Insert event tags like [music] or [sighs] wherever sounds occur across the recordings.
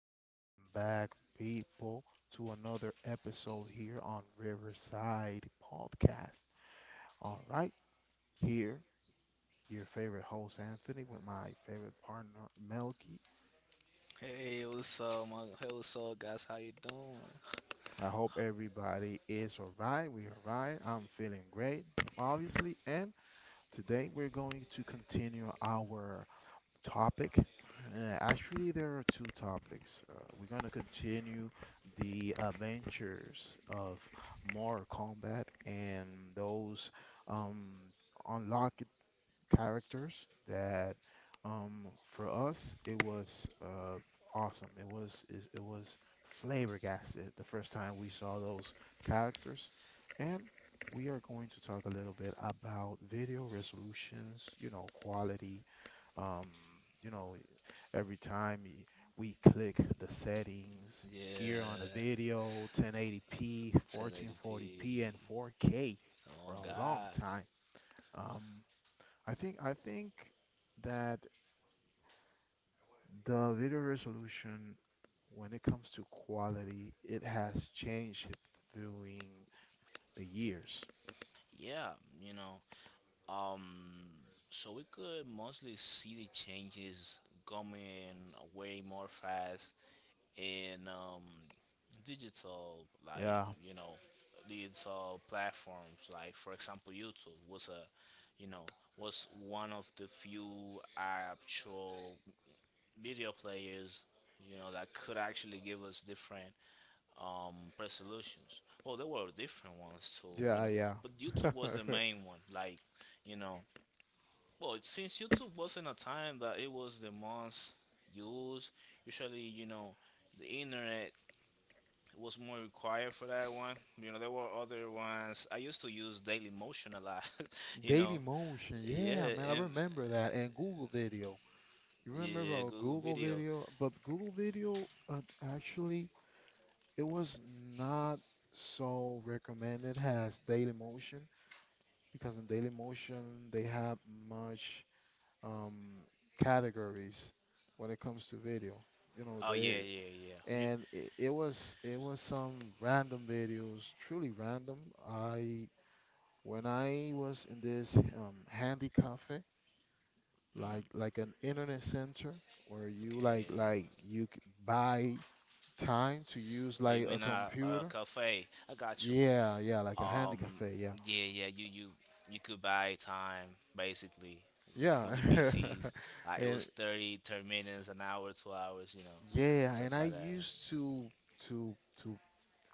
Welcome back, people, to another episode here on Riverside Podcast. All right, here, your favorite host, Anthony, with my favorite partner, Melky. Hey, what's up, guys? How you doing? I hope everybody is all right. We are all right. I'm feeling great, obviously. And today we're going to continue our topic. Actually, there are two topics. We're going to continue the adventures of Mortal Kombat and those um, unlocked characters that, for us, it was awesome. It was flabbergasted the first time we saw those characters. And we are going to talk a little bit about video resolutions, quality, um, you know, every time we click the settings gear on a Yeah, video: 1080p, 1440p, and 1080p. 4K Oh for a long God. time. Um, I think that the video resolution, when it comes to quality, it has changed during the years. Yeah, you know, um, so we could mostly see the changes coming way more fast in digital, like Yeah, digital platforms. Like for example, YouTube was a, you know, was one of the few actual video players, that could actually give us different um resolutions. Well, there were different ones too, yeah, yeah. but [laughs] YouTube was the main one. Like, you know, well, since YouTube was in a time that it was the most used, usually, the internet was more required for that one. You know, there were other ones. I used to use Daily Motion a lot. [laughs] you know. Daily Motion, yeah, Yeah, man, I and remember that, and Google Video. You remember yeah, about Google Google Video. Video? But Google Video, actually, it was not so recommended as Dailymotion because in Dailymotion they have much um, categories when it comes to video. You know, Oh yeah, they, yeah, yeah. And it was some random videos, truly random. I when I was in this handy cafe, mm, like an internet center where you like okay, like you buy time to use Oh, you like a mean a computer. cafe? I got you. Yeah, yeah, like a handy Um, cafe. Yeah, yeah, yeah. You could buy time basically [laughs] yeah, with the PCs. It [laughs] and was 30 minutes, an hour, 2 hours. Yeah, Stuff and I like that. used to to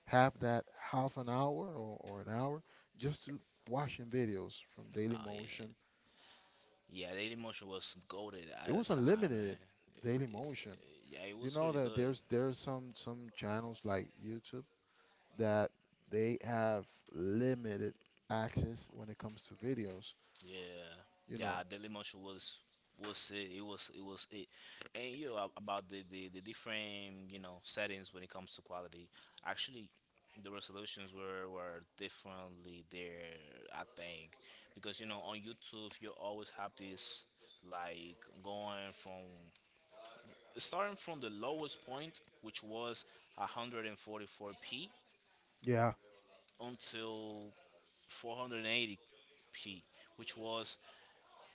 have that half an hour or an hour just to watching videos from Daily Oh yeah, Motion. yeah. The emotion was goaded It at the was time, unlimited man. Daily Motion. Yeah, it You was know really that good. there's some channels like YouTube that they have limited access when it comes to videos. Yeah, You know, yeah, Daily Motion was it. It was it. And about the different settings when it comes to quality. Actually, the resolutions were differently there. I think because on YouTube you always have this, like, going from starting from the lowest point, which was 144p, yeah, until 480p, which was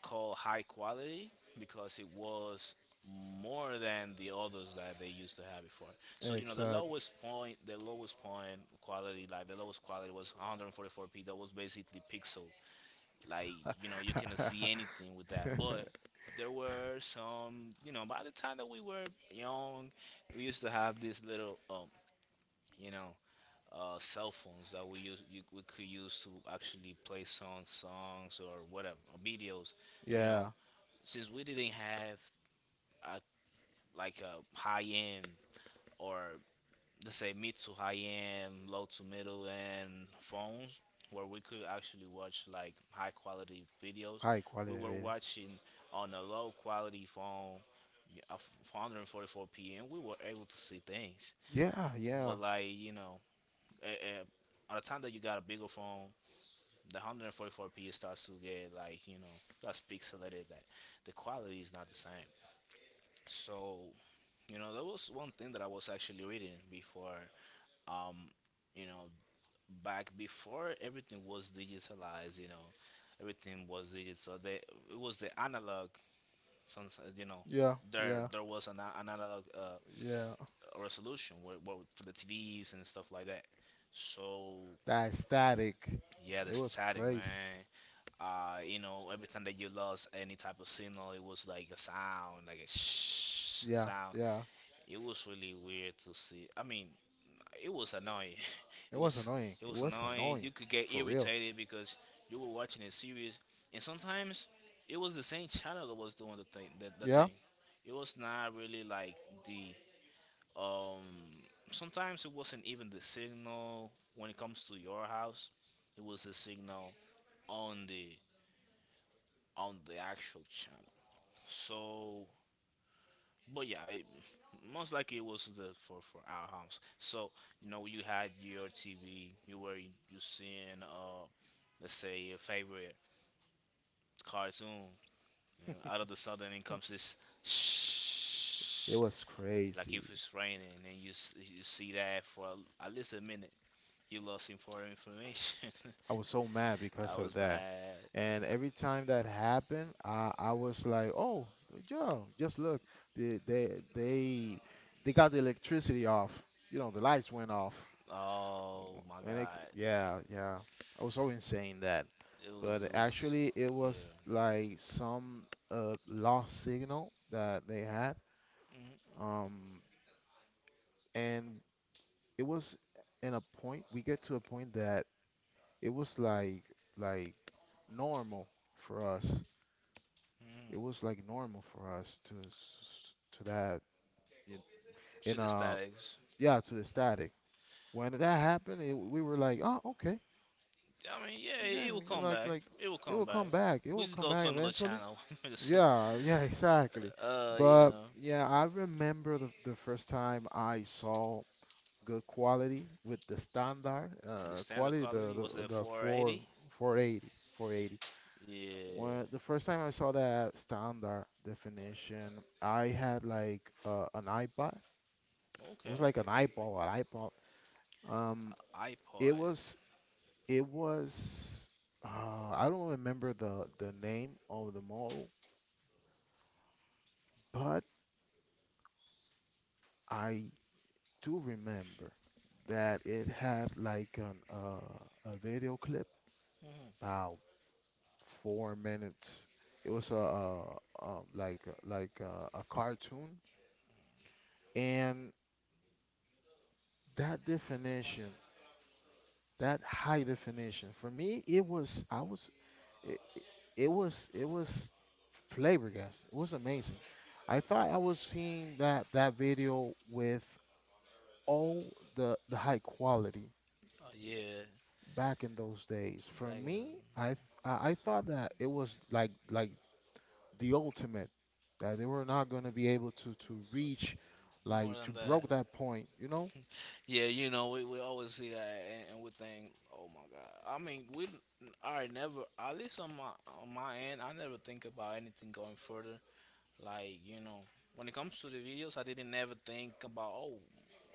call high quality because it was more than the others that they used to have before. So exactly. The lowest quality was 144p. That was basically pixel. Like you cannot see anything with that. But [laughs] there were some, by the time that we were young, we used to have these little, you know, cell phones that we could use to actually play songs or whatever, or videos, you Yeah, know since we didn't have a, like a high end, or let's say mid to high end, low to middle end phones where we could actually watch like high quality videos. high We quality were video. watching on a low quality phone, yeah, of 144 p.m. We were able to see things, Yeah, yeah, but, like, eh, eh, by the time that you got a bigger phone, the 144p starts to get, like, that's pixelated. That the quality is not the same. So, there was one thing that I was actually reading before. Um, you know, Back before everything was digitalized. Everything was digital. It was the analog. Sometimes yeah, there yeah, there was an analog yeah. resolution, where, for the TVs and stuff like that. So That static, yeah, the it was static, crazy. man. Every time that you lost any type of signal, it was like a sound, like a shh Yeah, sound. yeah, It was really weird to see. I mean, it was annoying. [laughs] it it was was annoying. it It was was annoying. annoying, You could get for real. irritated because you were watching a series, and sometimes it was the same channel that was doing the thing. The Yeah, thing. It was not really. Like the um. Sometimes it wasn't even the signal when it comes to your house. It was the signal on the actual channel. So, but yeah, most likely it was the for our house. So, you had your TV. You were you seeing, let's say, your favorite cartoon. Out of the sudden, in comes this it shh, was like crazy. if it's raining, and you see that at least a minute. You lost important information. I was so mad [laughs] I because of was that. mad. And every time that happened, I was like, oh, yeah, just look, they, they they they got the electricity off. You know, the lights went off. Oh my And, it, god, yeah, yeah, I was so insane that. it was But it was. actually, it was Yeah. like some lost signal that they had. Um, and it was in a point, we get to a point that it was like normal for us it Mm-hmm. was like normal for us to s- to that y- See in the statics. yeah, to the static. When that happened, we were like, oh, okay, I mean, yeah, okay, it will you're come like back. like It will it come will come back. back, it We will just come go to back another eventually. channel. Yeah, yeah, [laughs] exactly. [laughs] uh, you But know, yeah, I remember the first time I saw good quality with the standard the standard quality the quality was the, at the 4 480. four eighty four eighty. Yeah. When the first time I saw that standard definition, I had like an iPod. It Okay. was like an iPod. Um, it iPods. was it was I don't remember the name of the model, but I do remember that it had like an a video clip Mm hmm about 4 minutes. It was like a cartoon, and that definition. That high definition for me it was I was it, it was flabbergasted, it was amazing. I thought I was seeing that video with all the high quality Oh yeah. back in those days. For Back in me, I the, th- I thought that it was like the ultimate, that they were not going to be able to reach, more like, than to that. broke that point. Yeah, we always see that, and, we think, oh my god. I mean, we I never, at least on my end, I never think about anything going further. Like, when it comes to the videos, I didn't ever think about,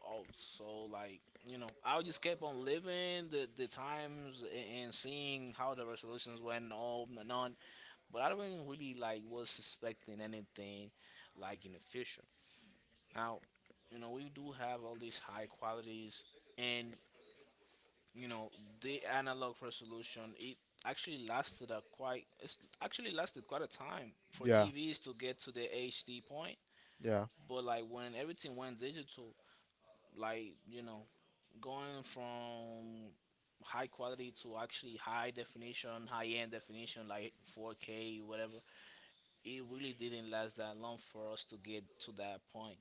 oh, so, like, I just kept on living the times and seeing how the resolutions went on and on. But I don't really, like, was suspecting anything like in the future. Now, we do have all these high qualities, and, you know, the analog resolution, it's actually lasted quite a time for Yeah, TVs to get to the HD point. yeah, But like when everything went digital, like, going from high quality to actually high definition, high end definition, like 4K, whatever, it really didn't last that long for us to get to that point.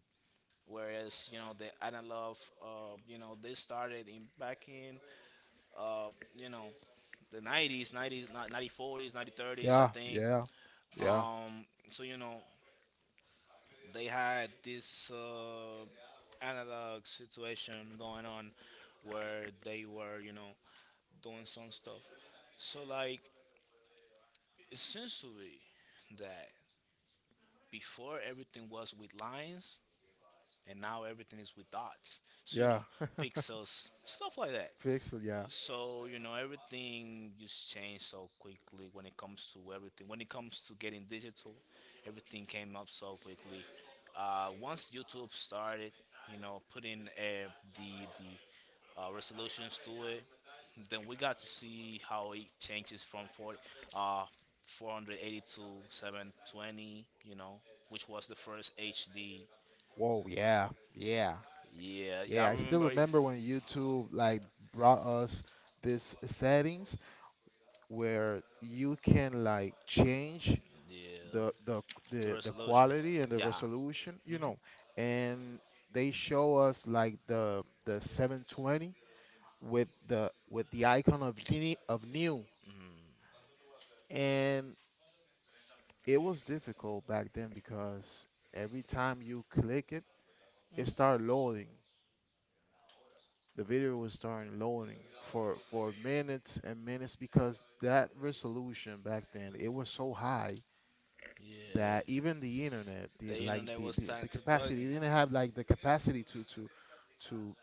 Whereas, the analog, they started in back in, uh, you know the 90s, 90s, 90s, 40s, 90s, 30s, I yeah, think. yeah, yeah, So they had this analog situation going on, where they were, doing some stuff. So, like, essentially, that before everything was with lines, and now everything is with dots. So, yeah. Pixels, stuff like that. [laughs] Pixel, yeah. So, everything just changed so quickly when it comes to everything. When it comes to getting digital, everything came up so quickly. Once YouTube started, putting, the resolutions to it, then we got to see how it changes from 40, uh, 480 to 720, which was the first HD. Whoa, yeah, yeah, Yeah, yeah, I yeah. I still remember it. remember when YouTube like brought us this settings where you can like change Yeah, the the the the resolution. quality and the Yeah, resolution, and they show us like the 720 with the icon of genie of new. And it was difficult back then because every time you click it started loading, the video was starting loading for minutes and minutes because that resolution back then it was so high that yeah. even the internet, The the like internet the, was the, starting the to capacity, buggy. it didn't have like the capacity to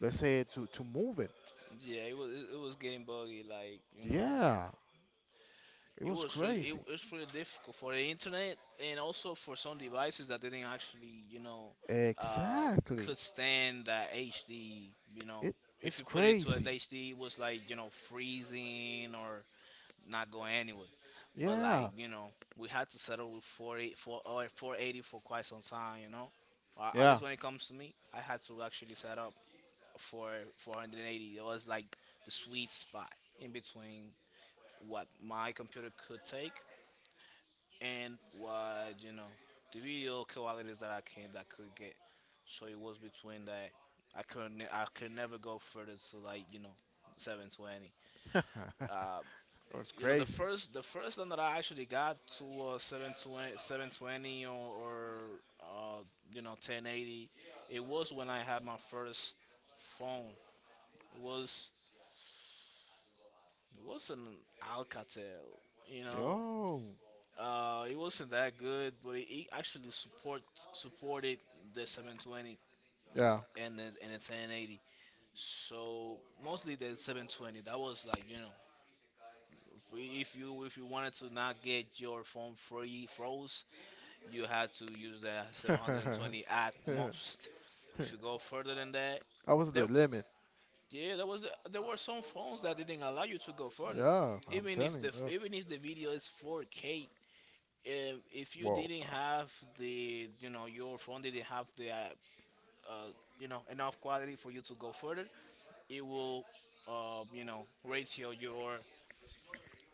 let's say to move it. Yeah, it was getting buggy. Like, Yeah, it was it crazy, was really difficult for the internet and also for some devices that didn't actually uh, exactly. could stand that HD. You know, it if it's you put it to an crazy. HD, it was like freezing or not going anywhere. But like, Yeah, we had to settle with 40, or 480 for quite some time. At yeah, least when it comes to me, I had to actually set up for 480. It was like the sweet spot in between what my computer could take and what, the video qualities that I came that could get. So it was between that. I couldn't. I could never go further to like, 720. [laughs] it Uh, was the crazy. first one that I actually got to, 720, 720 or, or uh, you know 1080. It was when I had my first phone. It was It wasn't Alcatel, you know. Yo, it wasn't that good, but it actually supported the 720 yeah. [laughs] and the 1080. So mostly the 720. That was like, if you wanted to not get your phone free froze, you had to use the 720 at most. If you go further than that, I was there, the limit. yeah, there were some phones that didn't allow you to go further, Yeah, I'm even if telling the you. Yeah. Video is 4K. If you Whoa. didn't have the your phone didn't have the uh, enough quality for you to go further, it will, ratio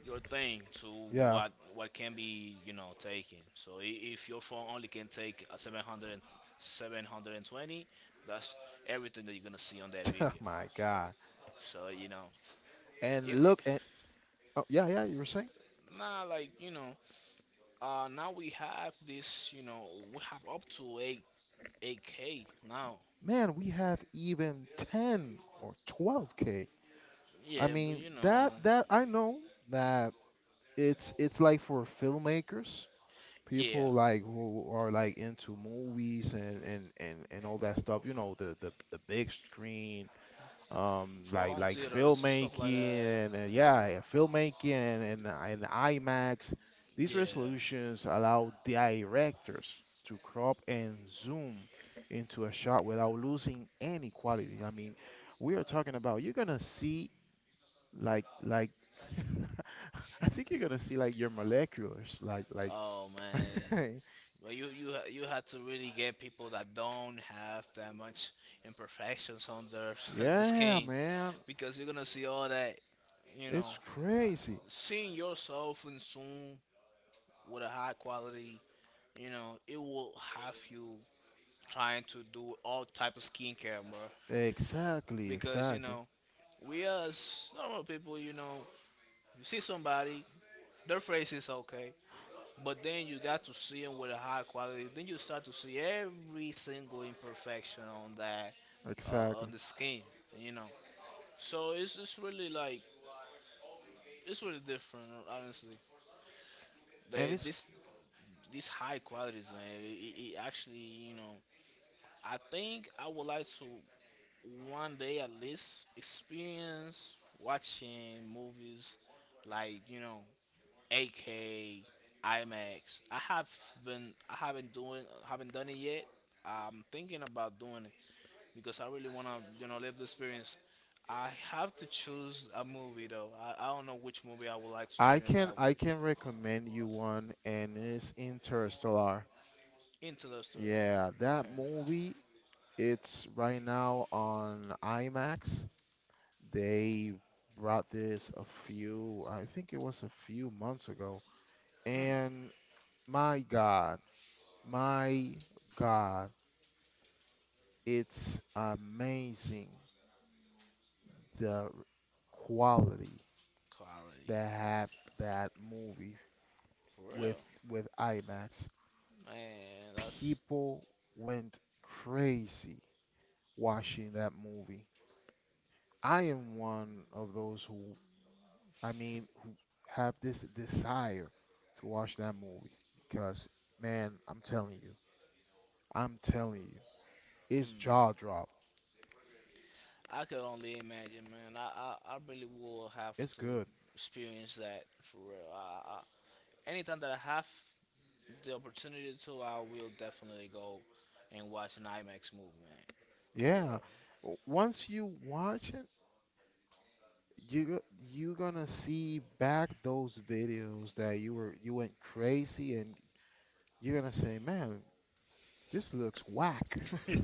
your thing to Yeah. What can be, taken. So if your phone only can take a 720, that's everything that you're gonna see on that video. [laughs] My God. So, it, And look it, at, oh, yeah, yeah, you were saying? nah, like, now we have this, we have up to 8 8K now. Man, we have even 10 or 12K. I Yeah, but, mean, that I know that it's like for filmmakers, yeah, people like who are like into movies and all that stuff, you know, the big screen, for like home like theaters and stuff like filmmaking that. and yeah, yeah, filmmaking and IMAX, these Yeah. resolutions allow directors to crop and zoom into a shot without losing any quality. I mean, we are talking about, you're gonna see like [laughs] I think you're gonna see like your moleculars like Oh man. [laughs] Well, you had to really get people that don't have that much imperfections on their [laughs] the yeah, skin, man, because you're gonna see all that. You know, it's crazy. Seeing yourself in soon with a high quality. It will have you trying to do all type of skincare, bro. Exactly, Because, exactly, we as normal people, you see somebody, their face is okay, but then you got to see them with a high quality. Then you start to see every single imperfection on that, exactly. on the skin, you know. So it's really, like, it's really different, honestly. and They it's this These high qualities, man. It actually, you know, I think I would like to one day at least experience watching movies like, AK, IMAX. I haven't doing haven't done it yet. I'm thinking about doing it because I really wanna, live the experience. I have to choose a movie though. I don't know which movie I would like to I experience can that with. I can recommend you one, and it's Interstellar. Into the story. Yeah, that Okay. movie, it's right now on IMAX. They brought this I think it was a few months ago. And my God, my God, it's amazing the quality Quality. that had that movie For real. with IMAX. Man, that's People went crazy watching that movie. I am one of those who, I mean, who have this desire to watch that movie because, man, I'm telling you, it's jaw drop. I could only imagine, man. I really will have It's to good. experience that for real. Anytime that I have the opportunity to, I will definitely go and watch an IMAX movie, man. For Yeah. Once you watch it, you gonna see back those videos that you went crazy, and you're gonna say, man, this looks whack. [laughs] real.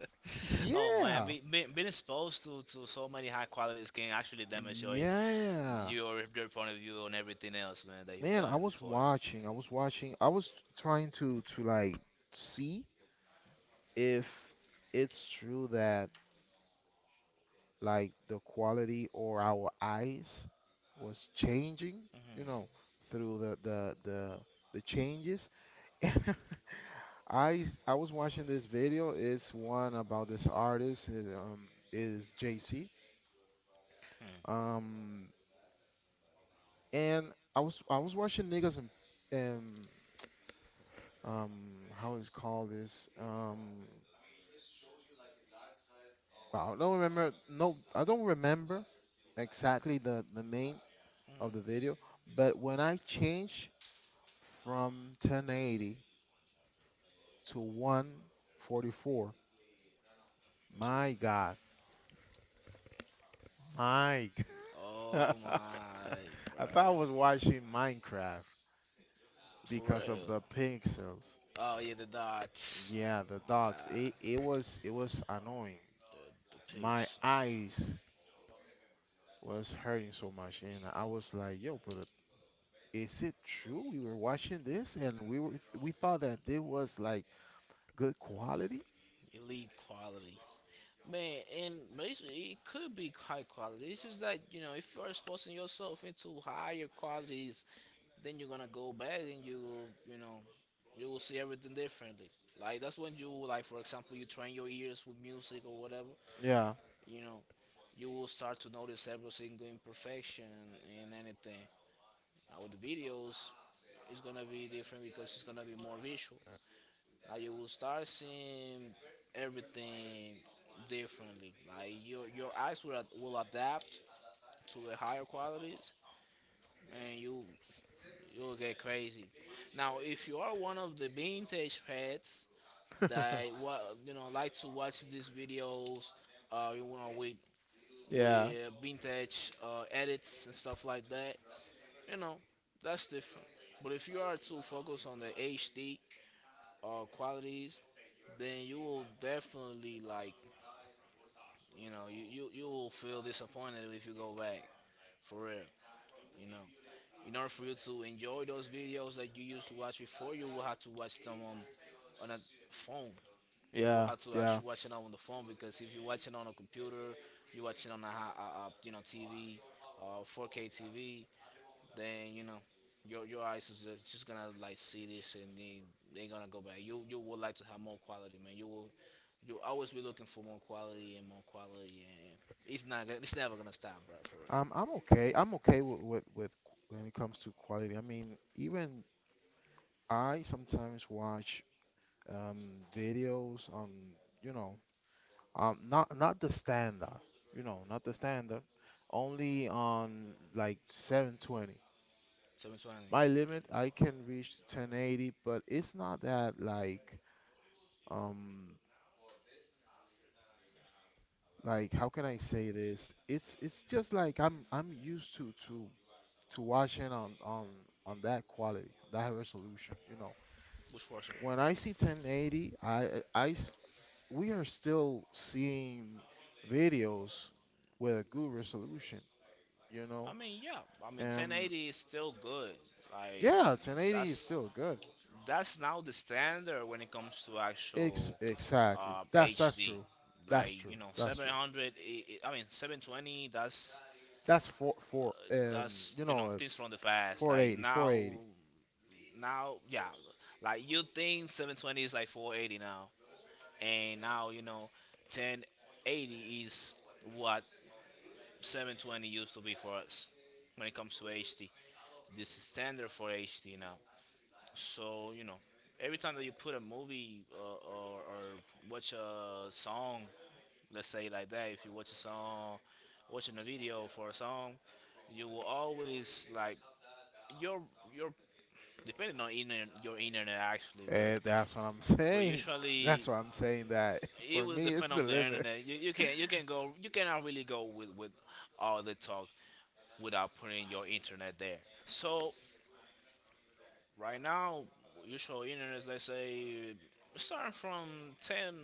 [laughs] Oh man, Yeah. being exposed to so many high qualities can actually damage Yeah. your their point of view on everything else, man, that you've Man, I done was before. Watching. I was watching. I was trying to like see if it's true that like the quality or our eyes was changing, you know, through the changes. [laughs] And I was watching this video. It's one about this artist. His is JC. Um And I was watching niggas and and um how is called this, wow, I don't remember. No, I don't remember exactly the name of the video. But when I changed from 1080 to 144, my God, my [laughs] God. Oh my, I bro, thought I was watching Minecraft for because of real. the pixels. Oh yeah, the dots. Yeah, Oh the my dots. God, It was annoying. the the My pics, eyes was hurting so much, and I was like, "Yo, but is it true? We were watching this, and we thought that it was like good quality." elite quality. Man, and basically it could be high quality. It's just that you know if you're exposing yourself into higher qualities, then you're gonna go back and you will you know you will see everything differently. Like that's when you like for example you train your ears with music or whatever. Yeah, You know, you will start to notice every single imperfection in anything. With the videos, it's gonna be different because it's gonna be more visual. Like you will start seeing everything differently. Like your eyes will will adapt to the higher qualities, and you'll get crazy. Now, if you are one of the vintage pets that [laughs] what you know like to watch these videos, you know yeah, with vintage edits and stuff like that, you know that's different. But if you are too focused on the HD qualities, then you will definitely like. You know, you will feel disappointed if you go back, for real. You know, in order for you to enjoy those videos that you used to watch before, you will have to watch them on a phone. You will yeah, have to yeah. actually watch it on the phone because if you watch it on a computer, you watch it on a, a you know TV, 4K TV, then you know your eyes is just gonna like see this, and they gonna go back. You would like to have more quality, man. You will you always be looking for more quality, and it's never gonna stop, bro. For real. I'm okay. I'm okay when it comes to quality. I mean, even I sometimes watch um videos on, you know not the standard, not the standard, only on like 720. 720 My limit I can reach 1080, but it's not that um like how can I say this? It's just like I'm used to watching on that quality, that resolution. bushwasher. When I see 1080, I s- we are still seeing videos with a good resolution, you I know. mean, yeah. I mean, Um 1080 is still good. Like yeah, 1080 is that's still good. that's now the standard when it comes to Ex actual Exactly. That's HD. true. That's Like true. you know, That's true. 700. I mean, 720. That's That's four, four, that's you you know know, uh, things from the past. Like 480. now, yeah, like you think 720 is like 480 now, and now you know 1080 is what 720 used to be for us when it comes to HD. This is standard for HD now. So you know every time that you put a movie or watch a song, let's say like that, if you watch a song, watching a video for a song, you will always like your your depending on internet, your internet actually, That's what I'm [laughs] but saying. usually That's what I'm saying that [laughs] it for will me, it's depend the on the limit. internet. You, you can go you cannot really go with all the talk without putting your internet there. So right now, usual internet, let's say starting from 10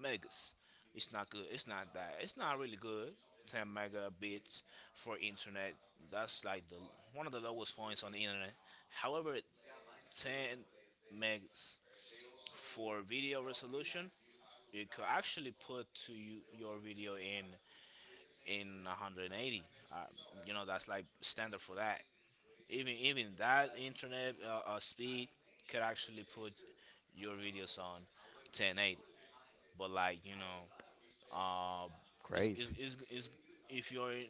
megas, it's not good. It's not that. It's not really good. 10 megabits for internet. That's like the one of the lowest points on the internet. However, 10 megs for video resolution you could actually put your video in 180, uh, you know that's like standard for that. Even even that internet speed could actually put your videos on 1080, but like you know uh is is Crazy. is, is if you're in-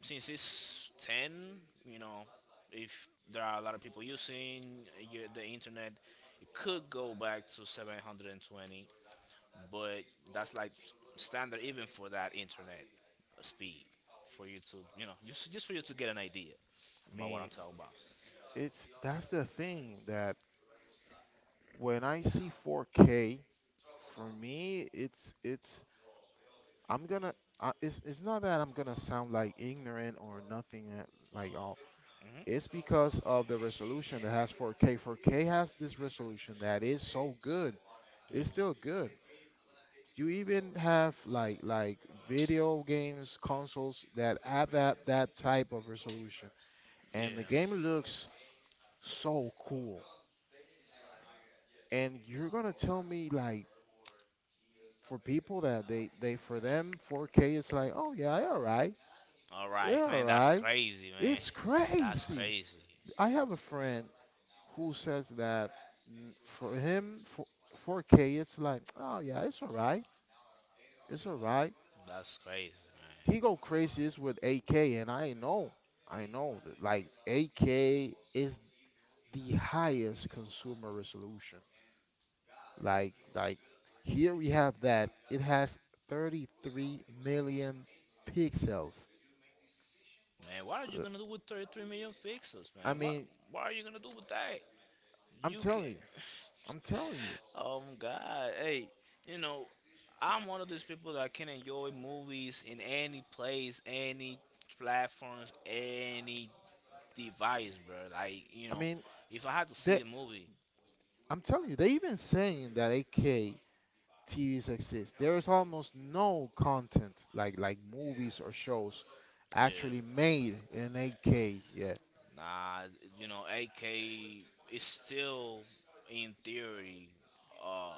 since it's 10, you know if there are a lot of people using the internet, it could go back to 720. But that's like standard even for that internet speed, for you to you know just for you to get an idea I about what I'm mean, talking about. it's that's the thing that when I see 4K, for me, I'm gonna it's not that I'm gonna sound like ignorant or nothing like all. It's because of the resolution that has 4K. 4K has this resolution that is so good. It's still good. You even have like video games consoles that have that type of resolution, Yeah. and the game looks so cool. And you're gonna tell me like, for people that they for them 4K it's like, oh yeah, all right, All right, yeah, all man, that's right. crazy, man. It's That's crazy. crazy. I have a friend who says that, mm, for him, for 4K, it's like, oh yeah, it's all right, it's all right. That's crazy, He go man. crazy is with AK, and I know that like AK is the highest consumer resolution. Like here we have that. It has 33 million pixels. Man, what are you Uh, gonna do with 33 million pixels, I man? What mean, what are you gonna do with that? I'm You can. telling you, I'm telling you. [laughs] Oh my God! Hey, you know, I'm one of those people that can enjoy movies in any place, any platforms, any device, bro. Like you I know, mean, if I had to they, see a movie, I'm telling you, they even saying that 8 AK TVs exist. There is almost no content like movies or shows yeah, actually made in 8K yet. nah, you know, AK is still in theory. uh,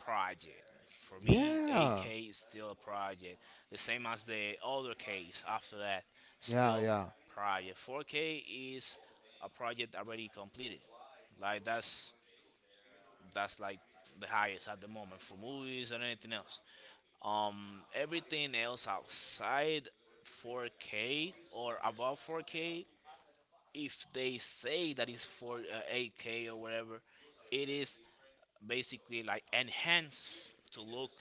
Project. For me, Yeah, AK is still a project. The same as the other case after that, yeah, still yeah, project. 4K is a project already completed. Like that's like the highest at the moment for movies and anything else. Everything else outside 4K or above 4K, if they say that it's for 8K or whatever, it is basically like enhance to look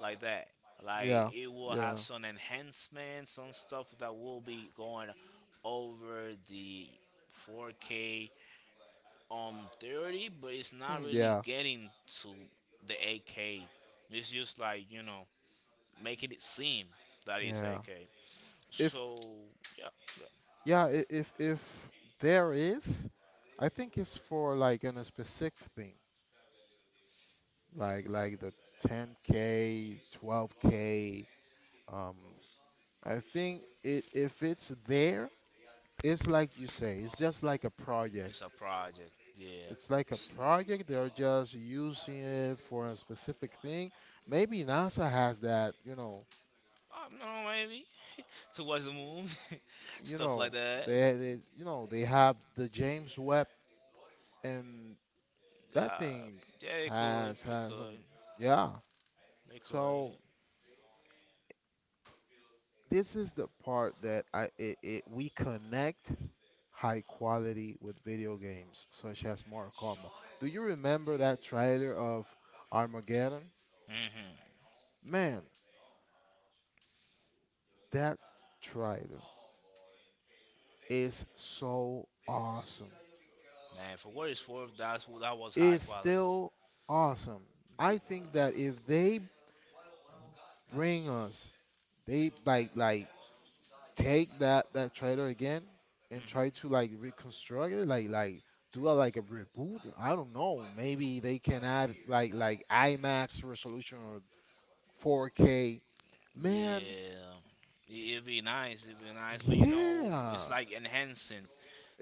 like that. Like yeah, it will have yeah, some enhancements, some stuff that will be going over the 4K um 30, but it's not [laughs] really yeah, getting to the 8K. It's just like you know making it seem that it's yeah. 8K. If So yeah, yeah, yeah, if there is, I think it's for like in a specific thing, like the 10K, 12K. Um, I think it if it's there, it's like you say, it's just like a project. it's a project. Yeah, It's like a project. They're just using it for a specific thing. Maybe NASA has that, I don't know, maybe [laughs] towards the moon, [laughs] you stuff know like that. you know, they have the James Webb and that Uh, thing yeah, it could. has It has some could. yeah. It So could. this is the part that I it, it we connect high quality with video games such as Mortal Kombat. Do you remember that trailer of Armageddon? Hmm. Man, that trailer is so awesome. Man, for what it's worth, that was high It's quality. still awesome. The, I think that if they bring us. They like take that trailer again and try to like reconstruct it, like do a, like a reboot. I don't know. Maybe they can add like IMAX resolution or 4K. Man, yeah, It'd be nice. It'd be nice, but you know, it's yeah, like enhancing.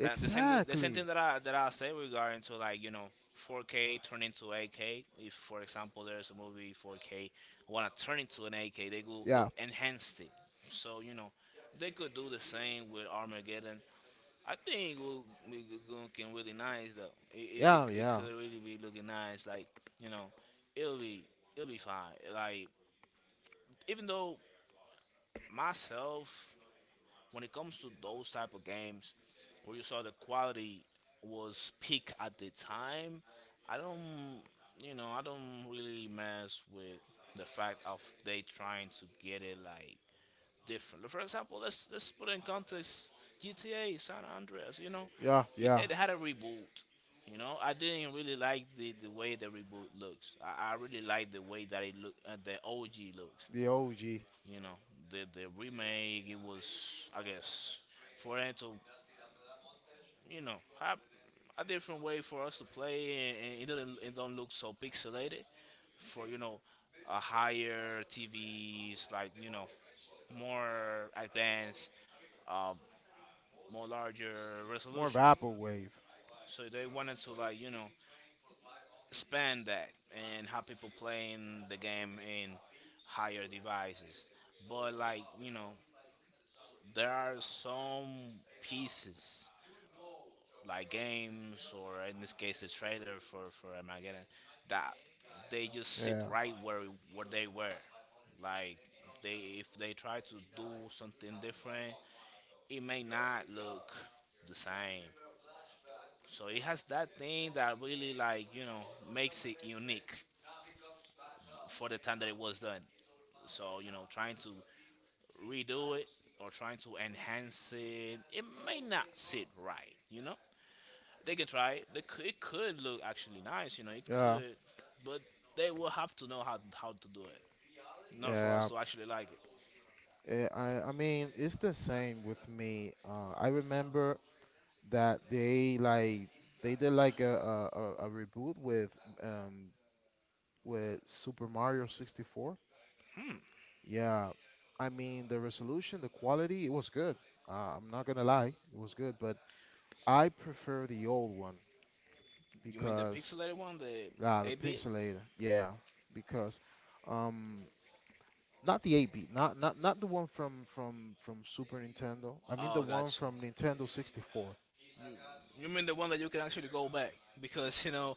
Like the same thing that I say regarding to like you know 4K turn into 8K. If for example there's a movie 4K, wanna turn into an 8K, they Yeah, enhance it. So you know, they could do the same with Armageddon. I think it will be looking really nice though. It, it, it, yeah, it yeah, could really be looking nice. Like you know, it'll be it'll be fine. Like even though myself, when it comes to those type of games where you saw the quality was peak at the time, I don't, I don't really mess with the fact of they trying to get it like different. For example, let's put in context GTA San Andreas. You know, yeah, it, yeah. it had a reboot. You know, I didn't really like the way the reboot looks. I really like the way that it look, the OG looks. The OG, You know, the remake it was I guess for them to you know have a different way for us to play, and it don't look so pixelated for you know a higher TVs like you know more advanced, uh, more larger more resolutions. vaporwave. So they wanted to like you know expand that and have people playing the game in higher devices. But like you know, there are some pieces like games or in this case the trailer for Armageddon, that they just sit Yeah, right where they were. Like they, if they try to do something different, it may not look the same. So it has that thing that really like you know makes it unique for the time that it was done. So you know trying to redo it or trying to enhance it, it may not sit right, you know. They can try it. It could look actually nice, you know. It yeah, could, but they will have to know how to do it. Not for us yeah. to actually like it. I mean, it's the same with me. I remember that they like they did like a reboot um with Super Mario 64. Yeah, I mean the resolution, the quality, it was good. I'm not gonna lie, it was good, but I prefer the old one You mean the because pixelated one, the ah the 8-bit? pixelator, yeah, because um not the 8-bit, not the one from Super Nintendo. I mean the Oh, one gotcha. from Nintendo 64. You mean the one that you can actually go back because you know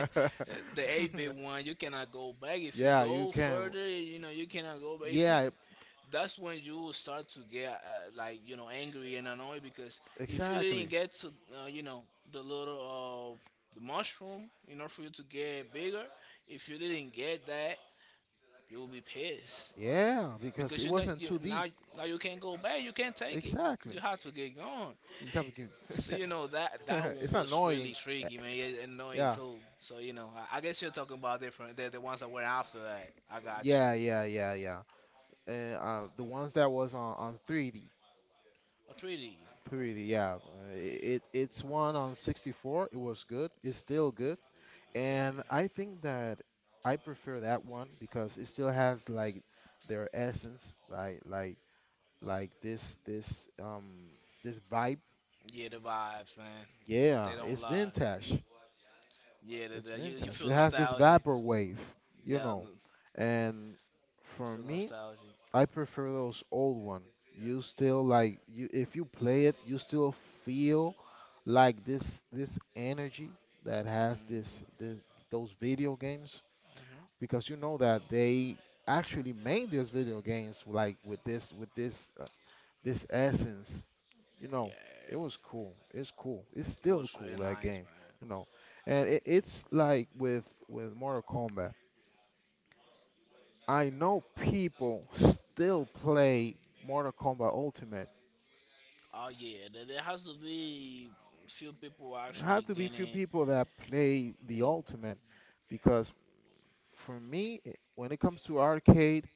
[laughs] the 8-bit one you cannot go back. If you Yeah, you go can. further, you know you cannot go back. If you Yeah, That's when you will start to get like you know angry and annoyed, because if you exactly. didn't get to you know the little, the mushroom in order for you to get bigger, if you didn't get that, you will be pissed Yeah, because because it you know wasn't you 2D. now now you can't go back. You can't take it. Exactly. You have to get going. You can't have So you know that that one to [laughs] It's was really annoying. Uh, tricky, man. It's annoying Yeah. too. So you know, I guess you're talking about different the ones that went after that. I got you. Yeah, yeah, yeah, yeah. And the ones that was on, 3D, Oh, 3D. 3D, yeah. It it's one on 64. It was good. It's still good. Okay. And I think that I prefer that one because it still has like their essence, like like this this vibe Yeah, the vibes, man. yeah They don't lie. Yeah, it's you vintage feel it has this nostalgic. vaporwave you Yeah, know you and for feel me nostalgic. I prefer those old one you still like you if you play it you still feel like this energy that has this Mm-hmm. this those video games because you know that they actually made these video games like with this this essence you Yeah, know, it was it cool. It's cool. It's still was cool really that nice, game, man. you know. And it's like with Mortal Kombat. I know people still play Mortal Kombat Ultimate. Oh yeah, there has to be few people There have actually to be few getting, people that play you the know. Ultimate because for me, when it comes to arcade,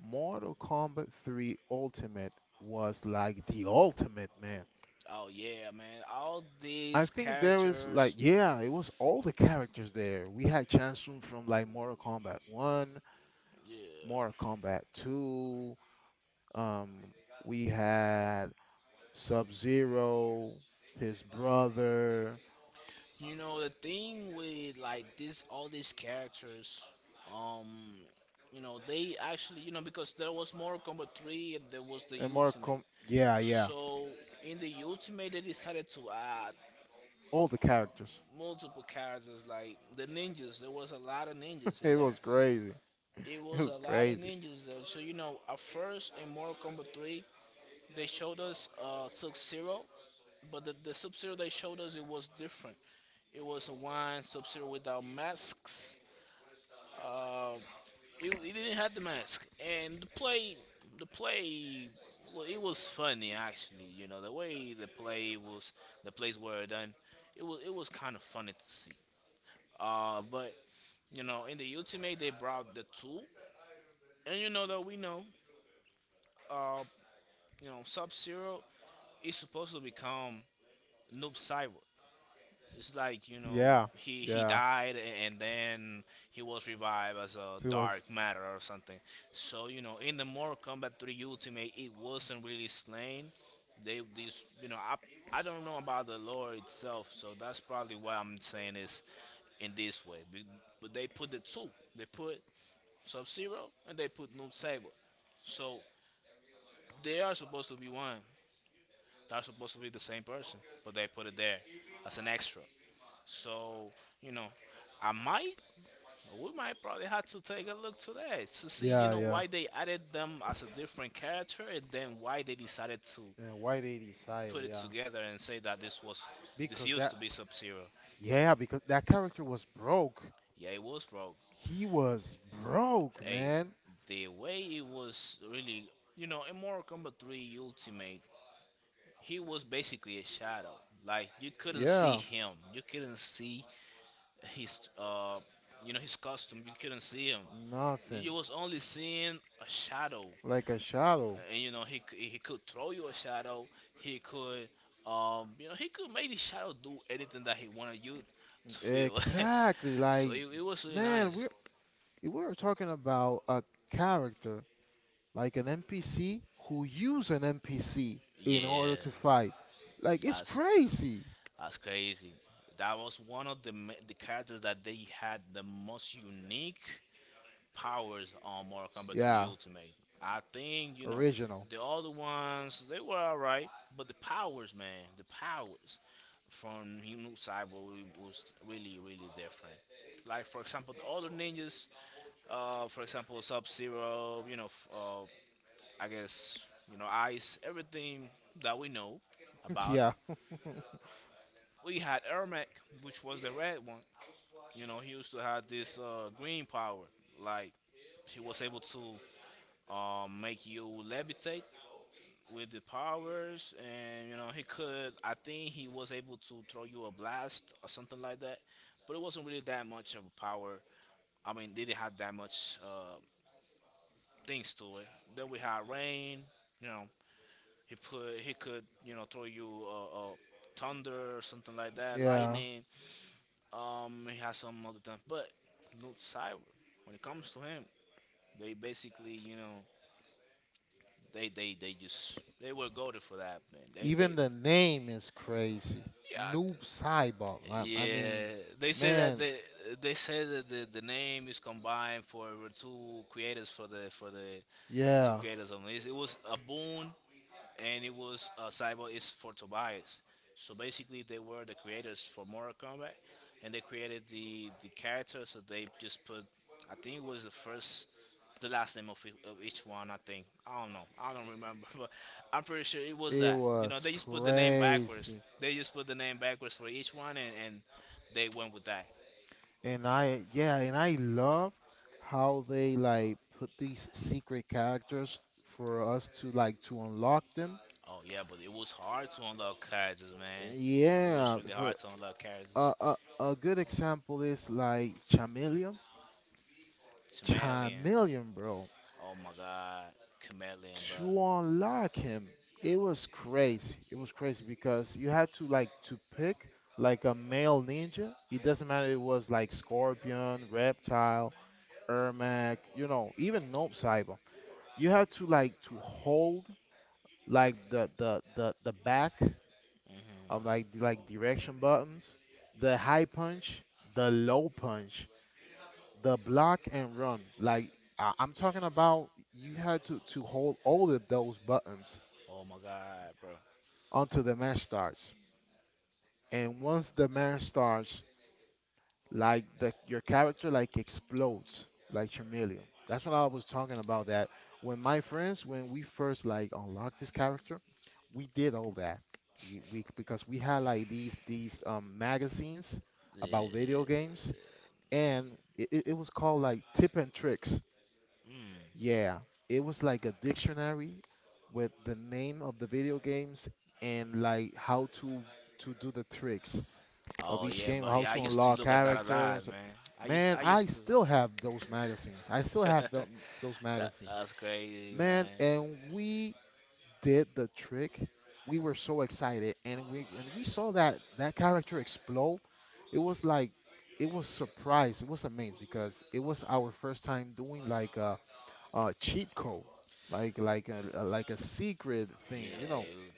Mortal Kombat 3 Ultimate was like the ultimate, man. Oh yeah, man, all I these think there is like characters. yeah, it was all the characters there. We had Chansun from like Mortal Kombat 1, Yeah, Mortal Kombat 2, um we had Sub-Zero, his brother, you know the thing with like this, all these characters. Um, you know they actually, because there was Mortal Kombat 3 and there was the and Mortal Ultimate. Com yeah, yeah. So in the Ultimate, they decided to add All the characters. multiple characters like the ninjas. There was a lot of ninjas [laughs] in It there. was crazy. It It was a was lot of crazy. ninjas though. So you know, at first in Mortal Kombat 3, they showed us Sub Zero, but the Sub Zero they showed us it was different. It was one Sub Zero without masks. Uh, he didn't have the mask, and the play, it was funny actually. You know the way the play was, the plays were done. It was kind of funny to see. But you know in the ultimate they brought the tool, and you know that we know, uh, you know Sub Zero is supposed to become Noob Cyborg. It's like you know Yeah, he yeah. died and then he was revived as a It was dark matter or something. So you know in the Mortal Kombat 3 Ultimate it wasn't really explained. They these you know I don't know about the lore itself, so that's probably why I'm saying this in this way. But they put the two, they put Sub Zero and they put Noob Saber. So they are supposed to be one. They're supposed to be the same person, but they put it there as an extra. So, you know, I might, we might probably have to take a look today to see, you yeah, know, yeah. why they added them as a different character and then why they decided to Yeah, why they decided, put it yeah. together and say that this Because used to that be Sub Zero. yeah, because that character was broke. Yeah, it was Rogue. He was broke, Hey, man. the way it was really, you know, in Mortal Kombat 3 Ultimate, he was basically a shadow. Like, you couldn't see Yeah, him, you couldn't see his, you know his costume you couldn't see him. You nothing. was only seeing a shadow, Like a shadow. and you know he could throw you a shadow. He could, you know, he could make the shadow do anything that he wanted you to feel. Exactly. [laughs] so it, Like, it was really man, nice. We are talking about a character like an NPC who use an NPC in order Yeah, to fight. Like, it's that's crazy. that's crazy. That was one of the characters that they had the most unique powers on Mortal Kombat 3 Yeah, Ultimate. I think, you know, original. the other ones, they were alright, but the powers, man, the powers from him Cyborg was really, really different. Like, for example, the other ninjas, for example, Sub Zero, you know, I guess, you know, Ice, everything that we know [laughs] about. yeah, [laughs] We had Ermac, which was the red one. You know, he used to have this green power. Like, he was able to make you levitate with the powers, and you know he could. I think he was able to throw you a blast or something like that, but it wasn't really that much of a power. I mean, they didn't have that much things to it. Then we had rain. You know, he could you know throw you thunder or something like that, yeah. lightning. He has some other things, but Luke Cyber, when it comes to him, they basically you know They were goaded for that man. They Even the name is crazy. Yeah, Noob Saibot. I mean, yeah. they say that man, they say that the name is combined for two creators for the two yeah. creators only. It was a boon and it was Cyborg is for Tobias. So basically, they were the creators for Mortal Kombat, and they created the character. So they just put, I think it was the first, the last name of, of each one. I don't know, I don't remember, [laughs] but I'm pretty sure it was It that. You know, was they just put the name backwards. crazy. They just put the name backwards for each one, and they went with that. And yeah, and I love how they like put these secret characters for us to to unlock them. Oh yeah, but it was hard to unlock characters, man. It was Yeah, really for hard to unlock characters. A good example is like Chameleon. It's Chameleon. Chameleon, bro. Oh my god, chameleon, bro. To unlock him, it was crazy. It was crazy because you had to to pick like a male ninja. It doesn't matter. If It was like Scorpion, Reptile. Ermac, you know, even Gnome Cyber. You have to to hold like the back of like the, like direction buttons, the high punch, the low punch, the block and run. Like I'm talking about, you had to hold all of those buttons Oh my god, bro. until the match starts. And once the match starts, like the your character like explodes like Charmeleon. That's what I was talking about. That when my friends, when we first like unlocked this character, we did all that. We because we had like these magazines about Yeah. video games, and it was called like Tip and Tricks. Yeah, it was like a dictionary with the name of the video games and like how to do the tricks of Oh each yeah, game, bro. how Yeah, I to used to unlock look at that alive, characters. man. I used Man, I I used to. still have those magazines. I still [laughs] have that them, those that magazines. was crazy, Man, man. and we did the trick. We were so excited, and we when we saw that that character explode, it was like it was surprised. It was amazed because it was our first time doing like a cheat code, like a secret thing. You know, Yeah, it was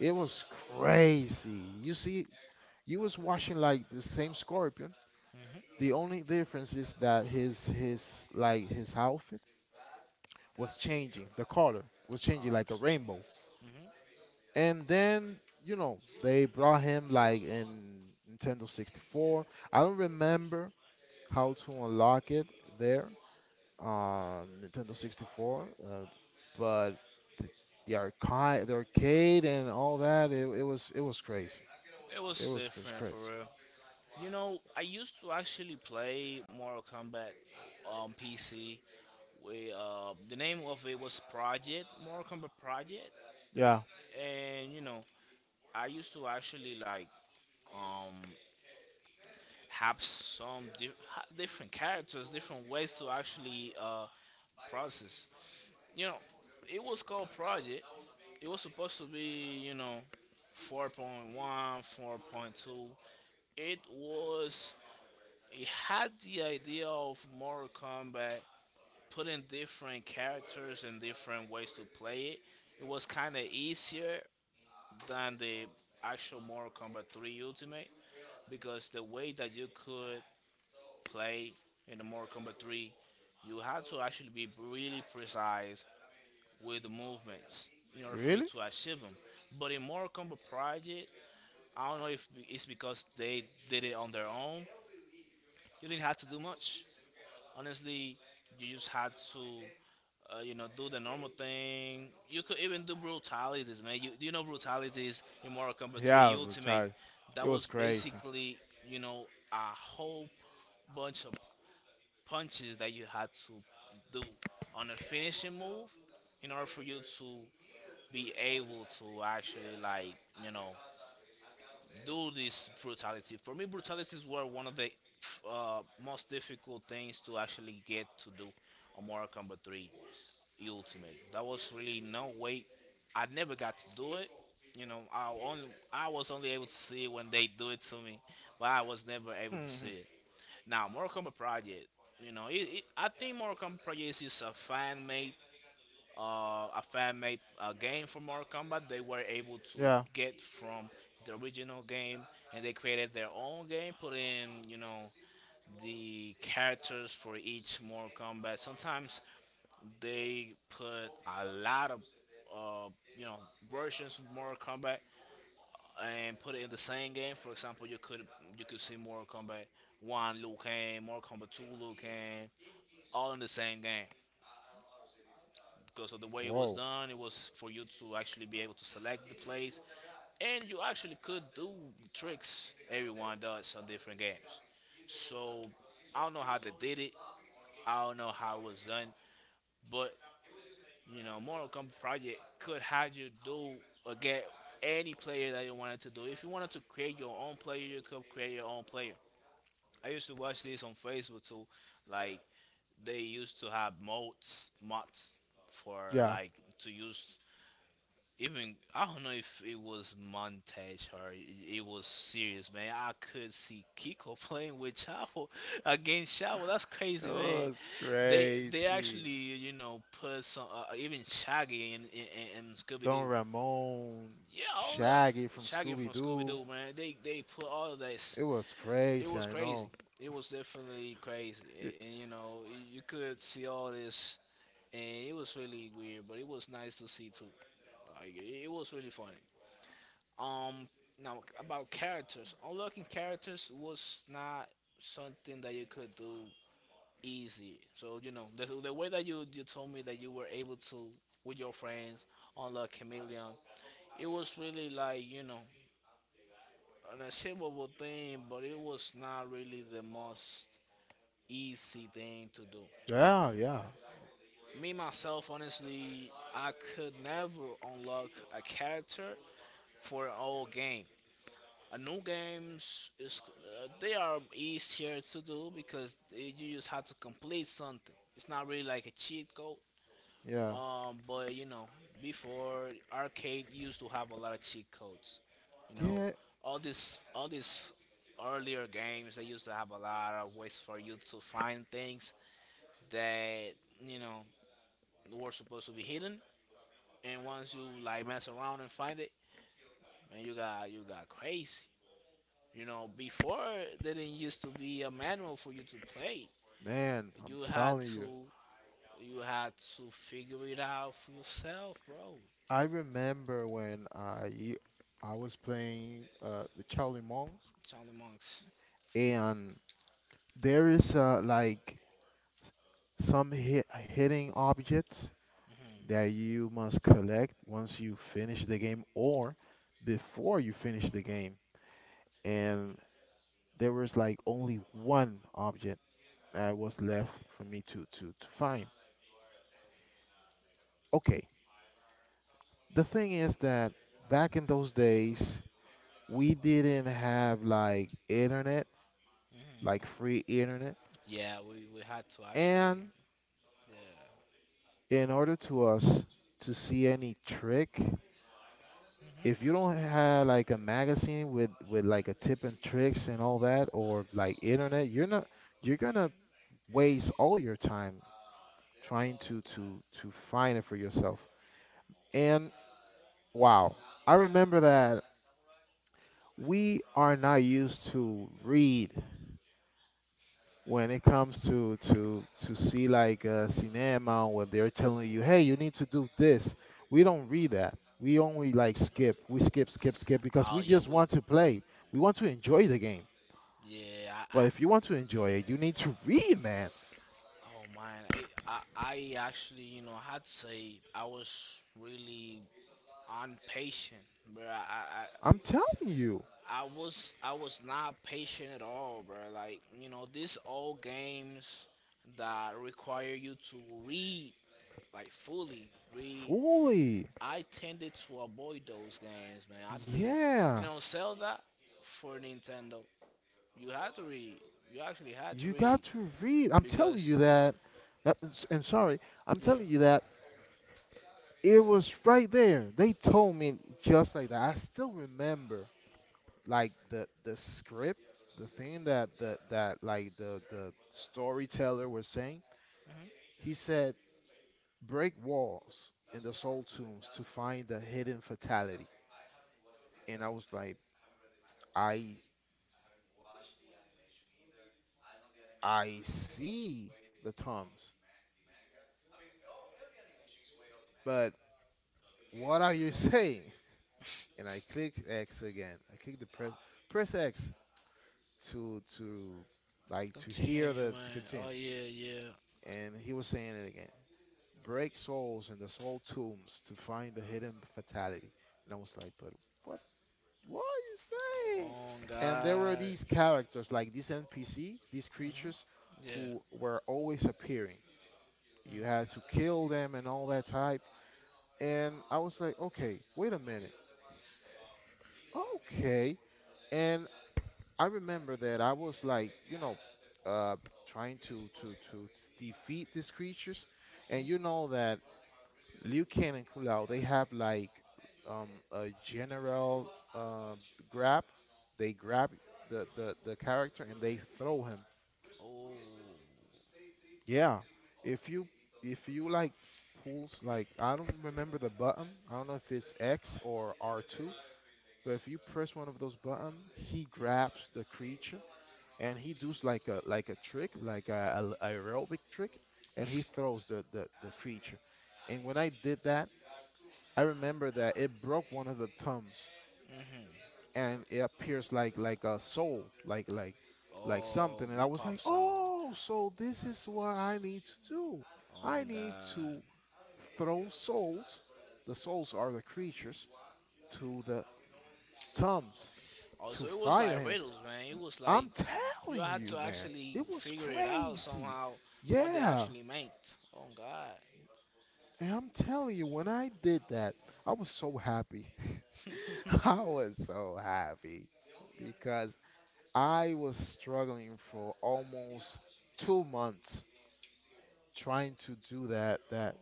it was crazy. You see, you was watching like the same score. The only difference is that his outfit was changing. The color was changing like a palms. rainbow. And then, you know, they brought him like in Nintendo 64. I don't remember how to unlock it there, Nintendo 64, but the, the arcade and all that, it was crazy. It It was was different for crazy. real. You know, I used to actually play Mortal Kombat on PC. We the name of it was Project Mortal Kombat Project, Yeah. and you know, I used to actually like um have some different characters, different ways to actually process. You know, it was called Project. It was supposed to be, you know, 4.1, 4.2. It was, it had the idea of Mortal Kombat putting different characters and different ways to play it. It was kind of easier than the actual Mortal Kombat 3 Ultimate because the way that you could play in the Mortal Kombat 3, you have to actually be really precise with the movements in order for you Really? to achieve them. But in Mortal Kombat Project, I don't know if it's because they did it on their own. You didn't have to do much. Honestly, you just had to, you know, do the normal thing. You could even do brutalities, man. You know brutalities in Mortal Kombat 3 Yeah, Ultimate. retired. It That was was crazy. basically, you know, a whole bunch of punches that you had to do on a finishing move in order for you to be able to actually like you know do this brutality. For me, brutalities were one of the most difficult things to actually get to do on Mortal Kombat 3 Ultimate. That was really no way. I never got to do it. You know, I was only able to see it when they do it to me, but I was never able to see it. [laughs] Now, Mortal Kombat Project, you know, I think Mortal Kombat Project is just a fan made, a fan made game for Mortal Kombat. They were able to yeah. get from the original game, and they created their own game, put in, you know, the characters for each Mortal Kombat. Sometimes they put a lot of, uh, you know, versions of Mortal Kombat and put it in the same game. For example, you could see Mortal Kombat One Liu Kang, Mortal Kombat Two Liu Kang, all in the same game because of the way it was Whoa. done. It was for you to actually be able to select the plays, and you actually could do tricks. Everyone does on different games, so I don't know how they did it. I don't know how it was done, but you know, Mortal Kombat Project could have you do or get any player that you wanted to do. If you wanted to create your own player, you could create your own player. I used to watch this on Facebook too, like they used to have mods for Yeah. like to use even I don't know if it was montage or it was serious, man. I could see Kiko [laughs] playing with Chavo [laughs] against Chavo. That's It crazy, man. was They crazy. actually you know put some even Shaggy and Scooby Don Doo. Ramon, Yeah, all that Shaggy from Shaggy from Scooby Scooby Doo. Doo, man. They put all of this. It was It crazy, was I crazy. know. It was definitely crazy. It- And you know you could see all this and it was really weird, but it was nice to see too. Like it was really funny. Um, now about characters, unlocking characters was not something that you could do easy. So you know the way that you told me that you were able to with your friends unlock chameleon, it was really like you know an achievable thing, but it was not really the most easy thing to do. yeah, yeah, Me myself, honestly, I could never unlock a character for an old game. A new games is they are easier to do because you just have to complete something. It's not really like a cheat code. yeah. But you know, before arcade used to have a lot of cheat codes. You know, Yeah, all these earlier games they used to have a lot of ways for you to find things that you know were supposed to be hidden. And once you like mess around and find it, man, you got crazy. You know, before there didn't used to be a manual for you to play. man, I'm You had telling you. to you had to figure it out for yourself, bro. I remember when I was playing the Charlie Monks, Charlie Monks. and there is like some hitting objects that Hmm. you must collect once you finish the game or before you finish the game. And there was like only one object that was left for me to, to find. Okay, the thing is that back in those days, we didn't have like internet, like Hmm. free internet. Yeah, we had to actually. And Yeah. in order to us to see any trick if you don't have like a magazine with like a tip and tricks and all that or like internet you're not you're gonna waste all your time trying to find it for yourself and wow I remember that we are not used to read when it comes to see like a cinema where they're telling you hey you need to do this we don't read that we only like skip we skip because Oh we yeah, just we want to play we want to enjoy the game. yeah. But if you want to enjoy it, you need to read, man. I oh man, I actually you know had to say I was really impatient, bro. I, I I'm telling you, I was I was not patient at all, bro. Like you know, these old games that require you to read like fully read. fully. I tended to avoid those games, man. I didn't, you Yeah, know, Zelda for Nintendo. You had to read. You actually had to you read got to read. I'm telling because you that. And sorry, I'm telling you yeah. that it was right there. They told me just like that. I still remember, like the script, the thing that the that like the storyteller was saying. He said, "Break walls in the soul tombs to find the hidden fatality." And I was like, I I see the thumbs, but what are you [laughs] saying? And I click X again. I click the press press X to like to hear Continue, the to man. continue. Oh yeah, yeah. And he was saying it again. Break souls in the soul tombs to find the hidden fatality. And I was like, but what what are you saying? Oh And there were God. these characters, like these NPC, these Hmm. creatures Yeah. who were always appearing. You had to kill them and all that type. And I was like, okay, wait a minute. Okay. And I remember that I was like, you know, uh, trying to, to defeat these creatures. And you know that Liu Kang and Kung they have like a general grab. They grab the character and they throw him. Oh. Yeah. If you like pulls like I don't remember the button. I don't know if it's X or R2. But if you press one of those buttons, he grabs the creature and he does like a a trick, like a aerobic trick, and he throws the creature. And when I did that, I remember that it broke one of the thumbs, Hmm. and it appears like a soul, like something. Oh, And I it was like, pops out. oh, so this is what I need to do. Oh I need God. to throw souls. The souls are the creatures to the thumbs to Also, it was fight like him. riddles, man. It was like I'm you telling had you, to man, actually it was figure it out crazy. somehow what they Yeah, actually meant. Oh God. and I'm telling you, when I did that, I was so happy. [laughs] I was so happy because I was struggling for almost 2 months trying to do that,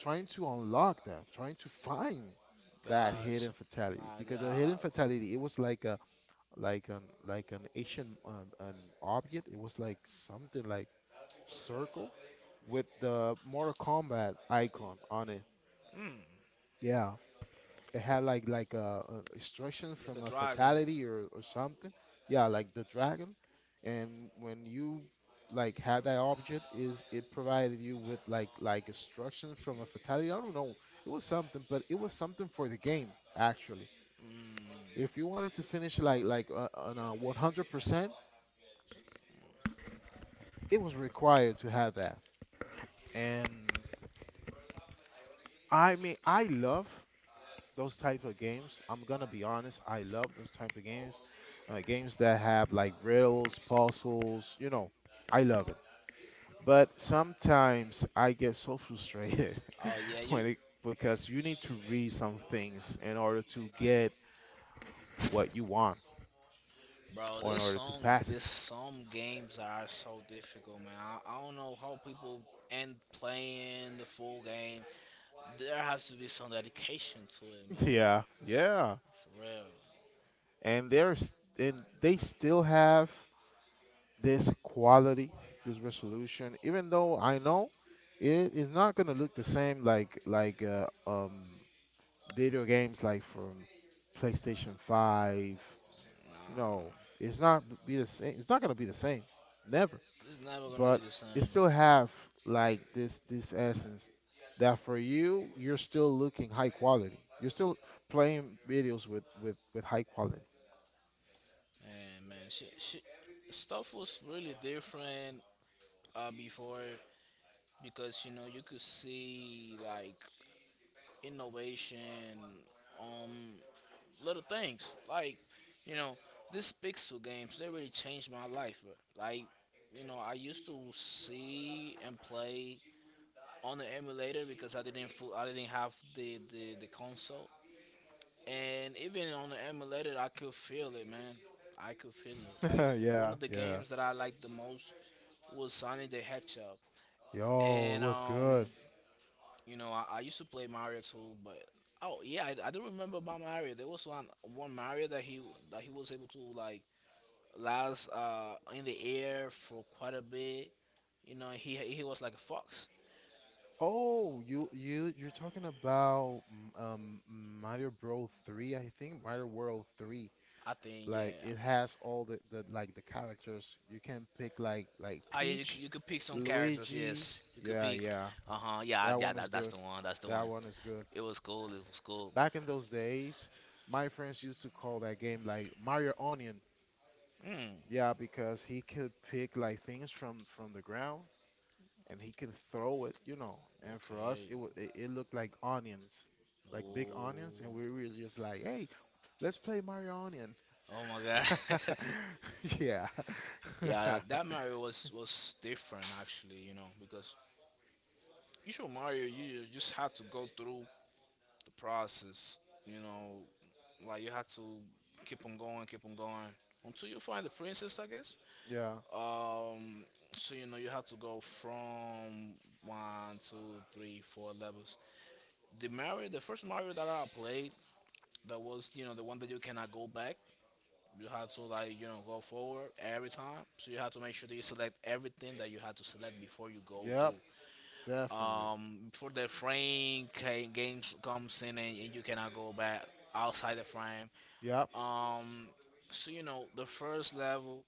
trying to unlock that, trying to find that Gosh. hidden fatality. My Because the hidden God. fatality, it was like a like an like an Asian an object. It was like something like circle with the Mortal Kombat icon on it. mm, Yeah, it had like a instruction Look from at a dragon. fatality or something. Yeah, like the dragon, and when you like had that object, is it provided you with like instruction from a fatality? I don't know. It was something, but it was something for the game actually. If you wanted to finish like on a 100%, it was required to have that. And I mean, I love those types of games. I'm gonna be honest, I love those types of games. Games that have like riddles, puzzles, you know, I love it. But sometimes I get so frustrated Oh yeah, [laughs] when it, because you need to read some things in order to get what you want bro. or in This order to song, pass it. this some games are so difficult, man. I don't know how people end playing the full game. There has to be some dedication to it, [laughs] man. Yeah, yeah. For real. And there's and they still have this quality, this resolution, even though I know it is not gonna look the same like video games like from PlayStation 5, you Nah, know, it's not be the same. It's not gonna be the same, never. it's never gonna be But the same. it still have like this essence that for you, you're still looking high quality. You're still playing videos with high quality. And man, stuff was really different before because you know you could see like innovation, um, little things like you know these pixel games. They really changed my life. Bro. Like you know, I used to see and play on the emulator because I didn't have the console, and even on the emulator I could feel it, man. I could feel it. Like [laughs] one Yeah, of the yeah. games that I like the most was Sonic the Hedgehog, Yo, and what's good? you know, I used to play Mario too, but oh yeah, I do remember about Mario. There was one Mario that he was able to like last in the air for quite a bit. You know, he was like a fox. Oh, you're talking about Mario Bros 3, I think, Mario World 3. I think Like yeah. it has all the like the characters. You can pick like Ah yeah, Peach, you could pick some characters. Luigi. Yes, you could Yeah, pick. yeah. Uh huh. Yeah, That yeah. one is That's good. the one. That's the That one. one is good. It was cool. It was cool. Back in those days, my friends used to call that game like Mario Onion. Hmm. Yeah, because he could pick like things from the ground and he can throw it, you know. And for us, Okay. it looked like onions, like big Oh. onions, and we were just like, "Hey, let's play Mario Onion." Oh my God. [laughs] [laughs] Yeah, Yeah, that [laughs] Mario was different actually, you know, because usual Mario you just had to go through the process, you know, like you had to keep on going until you find the princess, I guess. yeah, Um, so you know you had to go from one, two, three, four levels. The Mario, the first Mario that I played, that was you know the one that you cannot go back. You had to like you know go forward every time, so you had to make sure that you select everything that you had to select before you go yep, through. definitely, Before the frame games comes in and you cannot go back outside the frame. yep, Um, so you know the first level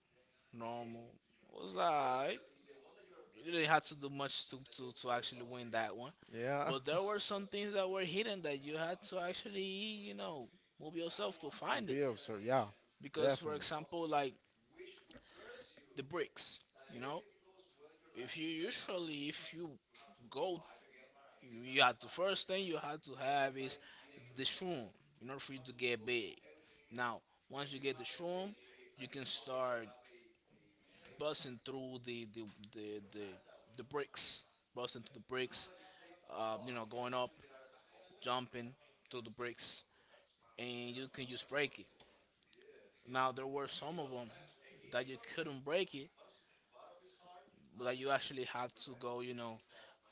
normal was alright. You didn't have to do much to actually win that one, yeah. [laughs] but there were some things that were hidden that you had to actually you know move yourself to And find it. be observed, yeah, Because for definitely, example, like the bricks, you know, if you usually if you go. You have to first thing you have to have is the shroom in order for you to get big. Now, once you get the shroom, you can start busting through the the, the bricks, busting through the bricks. You know, going up, jumping through the bricks, and you can just break it. Now, there were some of them that you couldn't break it, but you actually had to go, you know,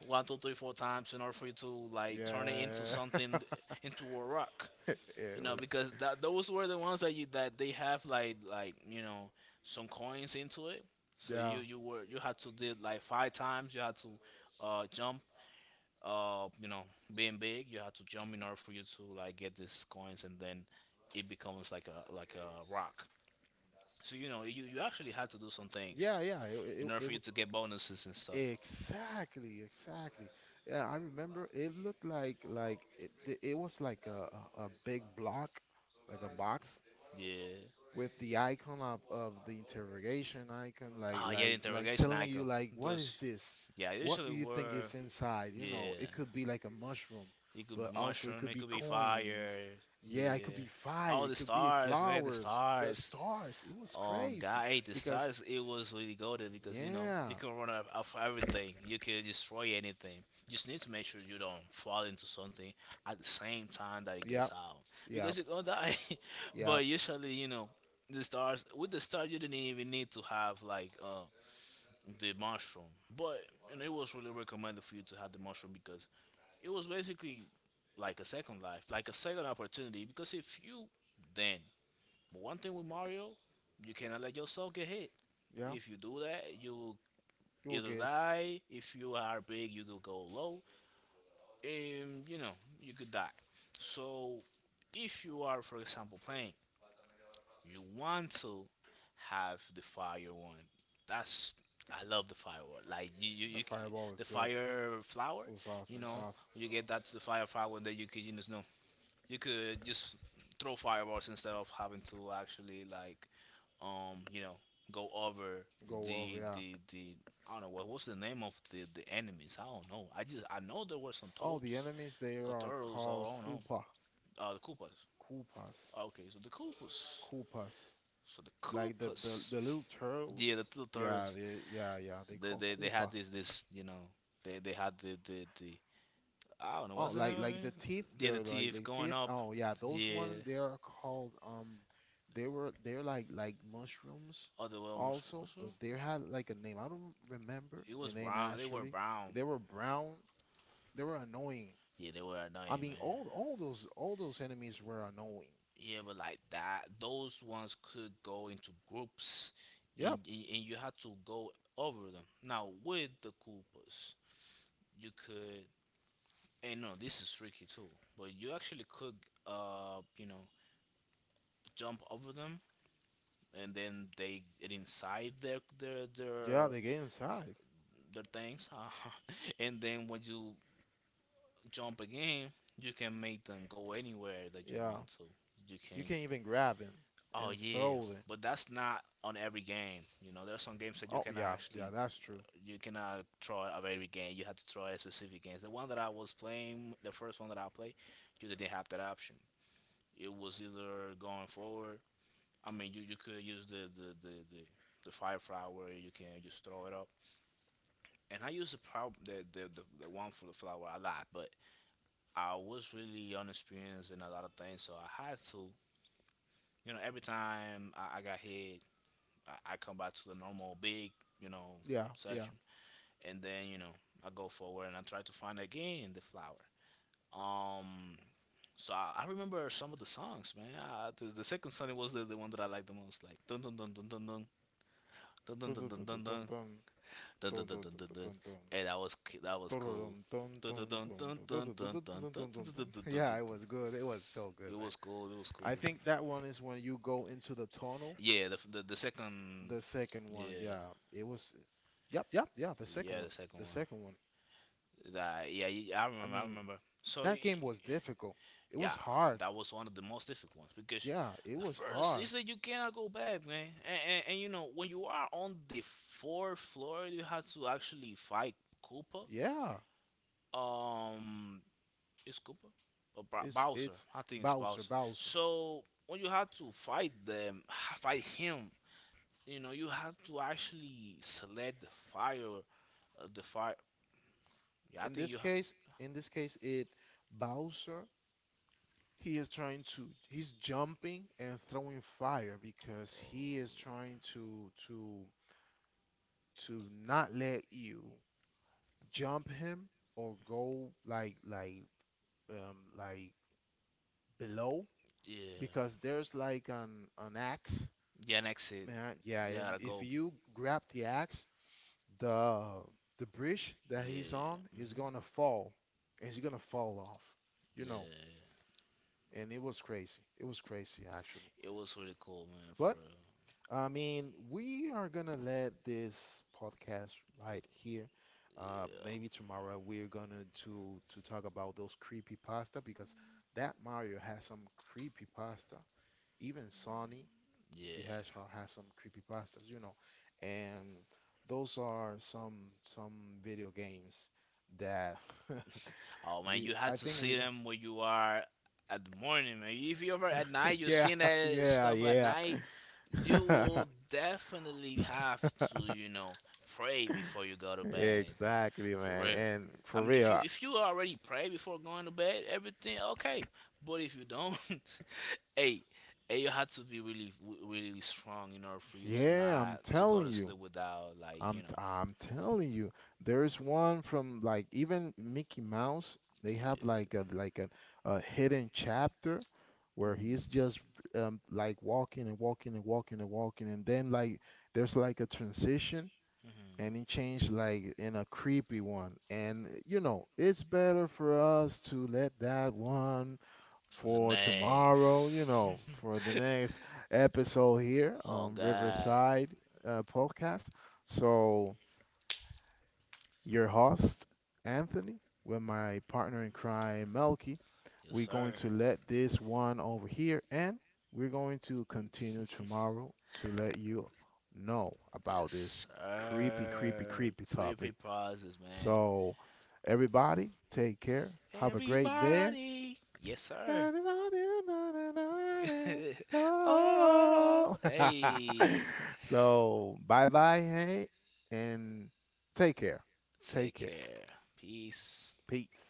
one, two, three, four times in order for you to like turn it into yeah. [laughs] something, into a rock. It You know was, because that those were the ones that you that they have like you know some coins into it, so yeah, you were you had to did like five times you had to jump you know being big you had to jump in order for you to like get these coins and then it becomes like a rock, so you know you you actually had to do some things yeah, yeah. In order for you to get bonuses and stuff. Exactly, exactly. Yeah, I remember it looked like it was like a big block, like a box Yeah. with the icon of the interrogation icon, like Oh yeah, the like like interrogation telling you icon, like what is those this? yeah What do usually you think were. is inside? You know, Yeah. it could be like a mushroom, It could but be also it mushroom. could It be could be fire. coins. Yeah, it could Yeah, be fire, all it the could be stars, man. The flowers, the stars. stars. It was crazy God, hey, the because stars. It was really golden because you know yeah, you can run off, off everything. You can destroy anything. Just need to make sure you don't fall into something at the same time that it yeah, gets out yeah, because you're gonna die. [laughs] yeah. But usually, you know, the stars with the stars you didn't even need to have like the mushroom, but you know, it was really recommended for you to have the mushroom because it was basically like a second life, like a second opportunity. Because if you then, but one thing with Mario, you cannot let yourself get hit. Yeah, If you do that, you you will either guess die. If you are big, you could go low, and you know you could die. So, if you are, for example, playing, you want to have the fire one. That's I love the firework. Like that fireball is the good. fire flower. It was awesome. You It's know, awesome. you get that the fire flower that you could you know you could just throw fireballs instead of having to actually like you know go over Go over, yeah. The I don't know what what's the name of the enemies I don't know I just I know there were some Oh, the toads enemies they or are turtles or called I don't know Koopa, the Koopas. Koopas, Okay, so the Koopas. Koopas. So the Like the the, Koopas. the little Yeah, turtles. the two Yeah, turtles. they, yeah, yeah. They they call they, they Koopa. had this this you know they had the I don't know Oh, what's the like name of like the it. teeth, Yeah, the they're like teeth like going teeth. up. Oh yeah, those one Yeah. they are called they were they're like mushrooms Other well what's, also, what's it? but they had like a name. I don't remember It the was name brown. They were actually. brown. They were brown. They were annoying. Yeah, they were I annoying, mean, man. all those enemies were annoying. Yeah, but like that, those ones could go into groups, Yep. and and you had to go over them. Now with the Koopas, you could. And no, this is tricky too. But you actually could, you know, jump over them, and then they get inside their their Yeah, their they get inside. their things, [laughs] and then when you jump a game, you can make them go anywhere that you Yeah. want to. You You can. can, even grab him oh Oh and yeah, yeah, throw it. but that's not on every game. You know, there are some games that you Oh cannot yeah, yeah, actually, that's true. you cannot throw out of every game. You have to throw at specific games. The one that I was playing, the first one that I played, you didn't have that option. It was either going forward. I mean, you could use the fire flower. You can just throw it up. And I use the prob the, one for the flower a lot, but I was really inexperienced in a lot of things, so I had to. You know, every time I got hit, I come back to the normal big, you know, Yeah, yeah. section, and then you know I go forward and I try to find again the flower. Um, so I remember some of the songs, man. I, the second song was the one that I liked the most, like dun dun dun dun dun dun dun dun dun Dun dun dun dun dun dun dun dun dun dun dun dun dun, dun dun and that was dun dun cool. dun Dun dun dun dun dun dun dun dun dun dun dun dun dun dun dun dun. Dun dun dun. dun Dun dun dun dun dun dun. [laughs] dun Yeah, dun it dun. was good. It was so good, It man. was cool. It was cool. Cool. I cool think that one is when you go into the tunnel. Yeah, the the second. The second one, Yeah. yeah, it was. Yep, yep, yeah. The second Yeah, the one, second the one. second one. That, yeah, I I remember. I mean, remember. So that game was difficult. It yeah, was hard. that was one of the most difficult ones because Yeah, it the was first hard. season you cannot go back, man. And, and you know when you are on the fourth floor, you had to actually fight Koopa. Yeah, Um, is Koopa? Or it's Bowser. it's I think it's Bowser, Bowser. Bowser. So when you had to fight them, [sighs] fight him, you know you have to actually select the fire yeah I In think this you have. case, in this case, it Bowser. He is trying to, he's jumping and throwing fire because he is trying to not let you jump him or go like below Yeah. because there's like an axe, Yeah next it. man. Yeah, Yeah and to if go. you grab the axe, the the bridge that he's Yeah. on Hmm. is gonna fall and he's gonna fall off, you know. Yeah. And it was crazy, it was crazy actually. It was really cool, man. For But real. I mean, we are gonna let this podcast right here. Maybe tomorrow we're gonna to talk about those creepy pasta because Yeah. that Mario has some creepy pasta. Even Sony the Yeah. Hedgehog has some creepy pastas, you know, and those are some video games that [laughs] Oh man, we you have I to think see we them when you are at the morning, man. If you ever at night, [laughs] you yeah seen [laughs] that yeah stuff at yeah. night, you [laughs] will definitely have to, you know, [laughs] pray before you go to bed, bro. Exactly, For man. real. And I for mean, real, I- if you already pray before going to bed, everything okay. But if you don't, [laughs] hey, hey, you have to be really, really strong in order for you to Yeah, I'm not to go telling to you. sleep without, like, you know, I'm telling you. There's one from like even Mickey Mouse. They have yeah. like a hidden chapter where Mm. he's just like walking and walking and walking and walking, and then like there's like a transition Like, mhm. and he changed like in a creepy one. And you know, it's better for us to let that one The for tomorrow, you know, for the [laughs] next oh episode here so on God. Riverside Podcast. So, your host, Anthony, with my partner in crime, Melky, Yes we're going sir. to let this one over here and we're going to continue tomorrow to let you know about Yes this creepy, creepy, sir. creepy Creepy topic. pauses, man. So, everybody, take care. Have a great day. Everybody. Yes sir. [laughs] Oh. Oh. [laughs] Hey. So, bye bye, hey, and take care. Take Take care. care. Peace. Peace.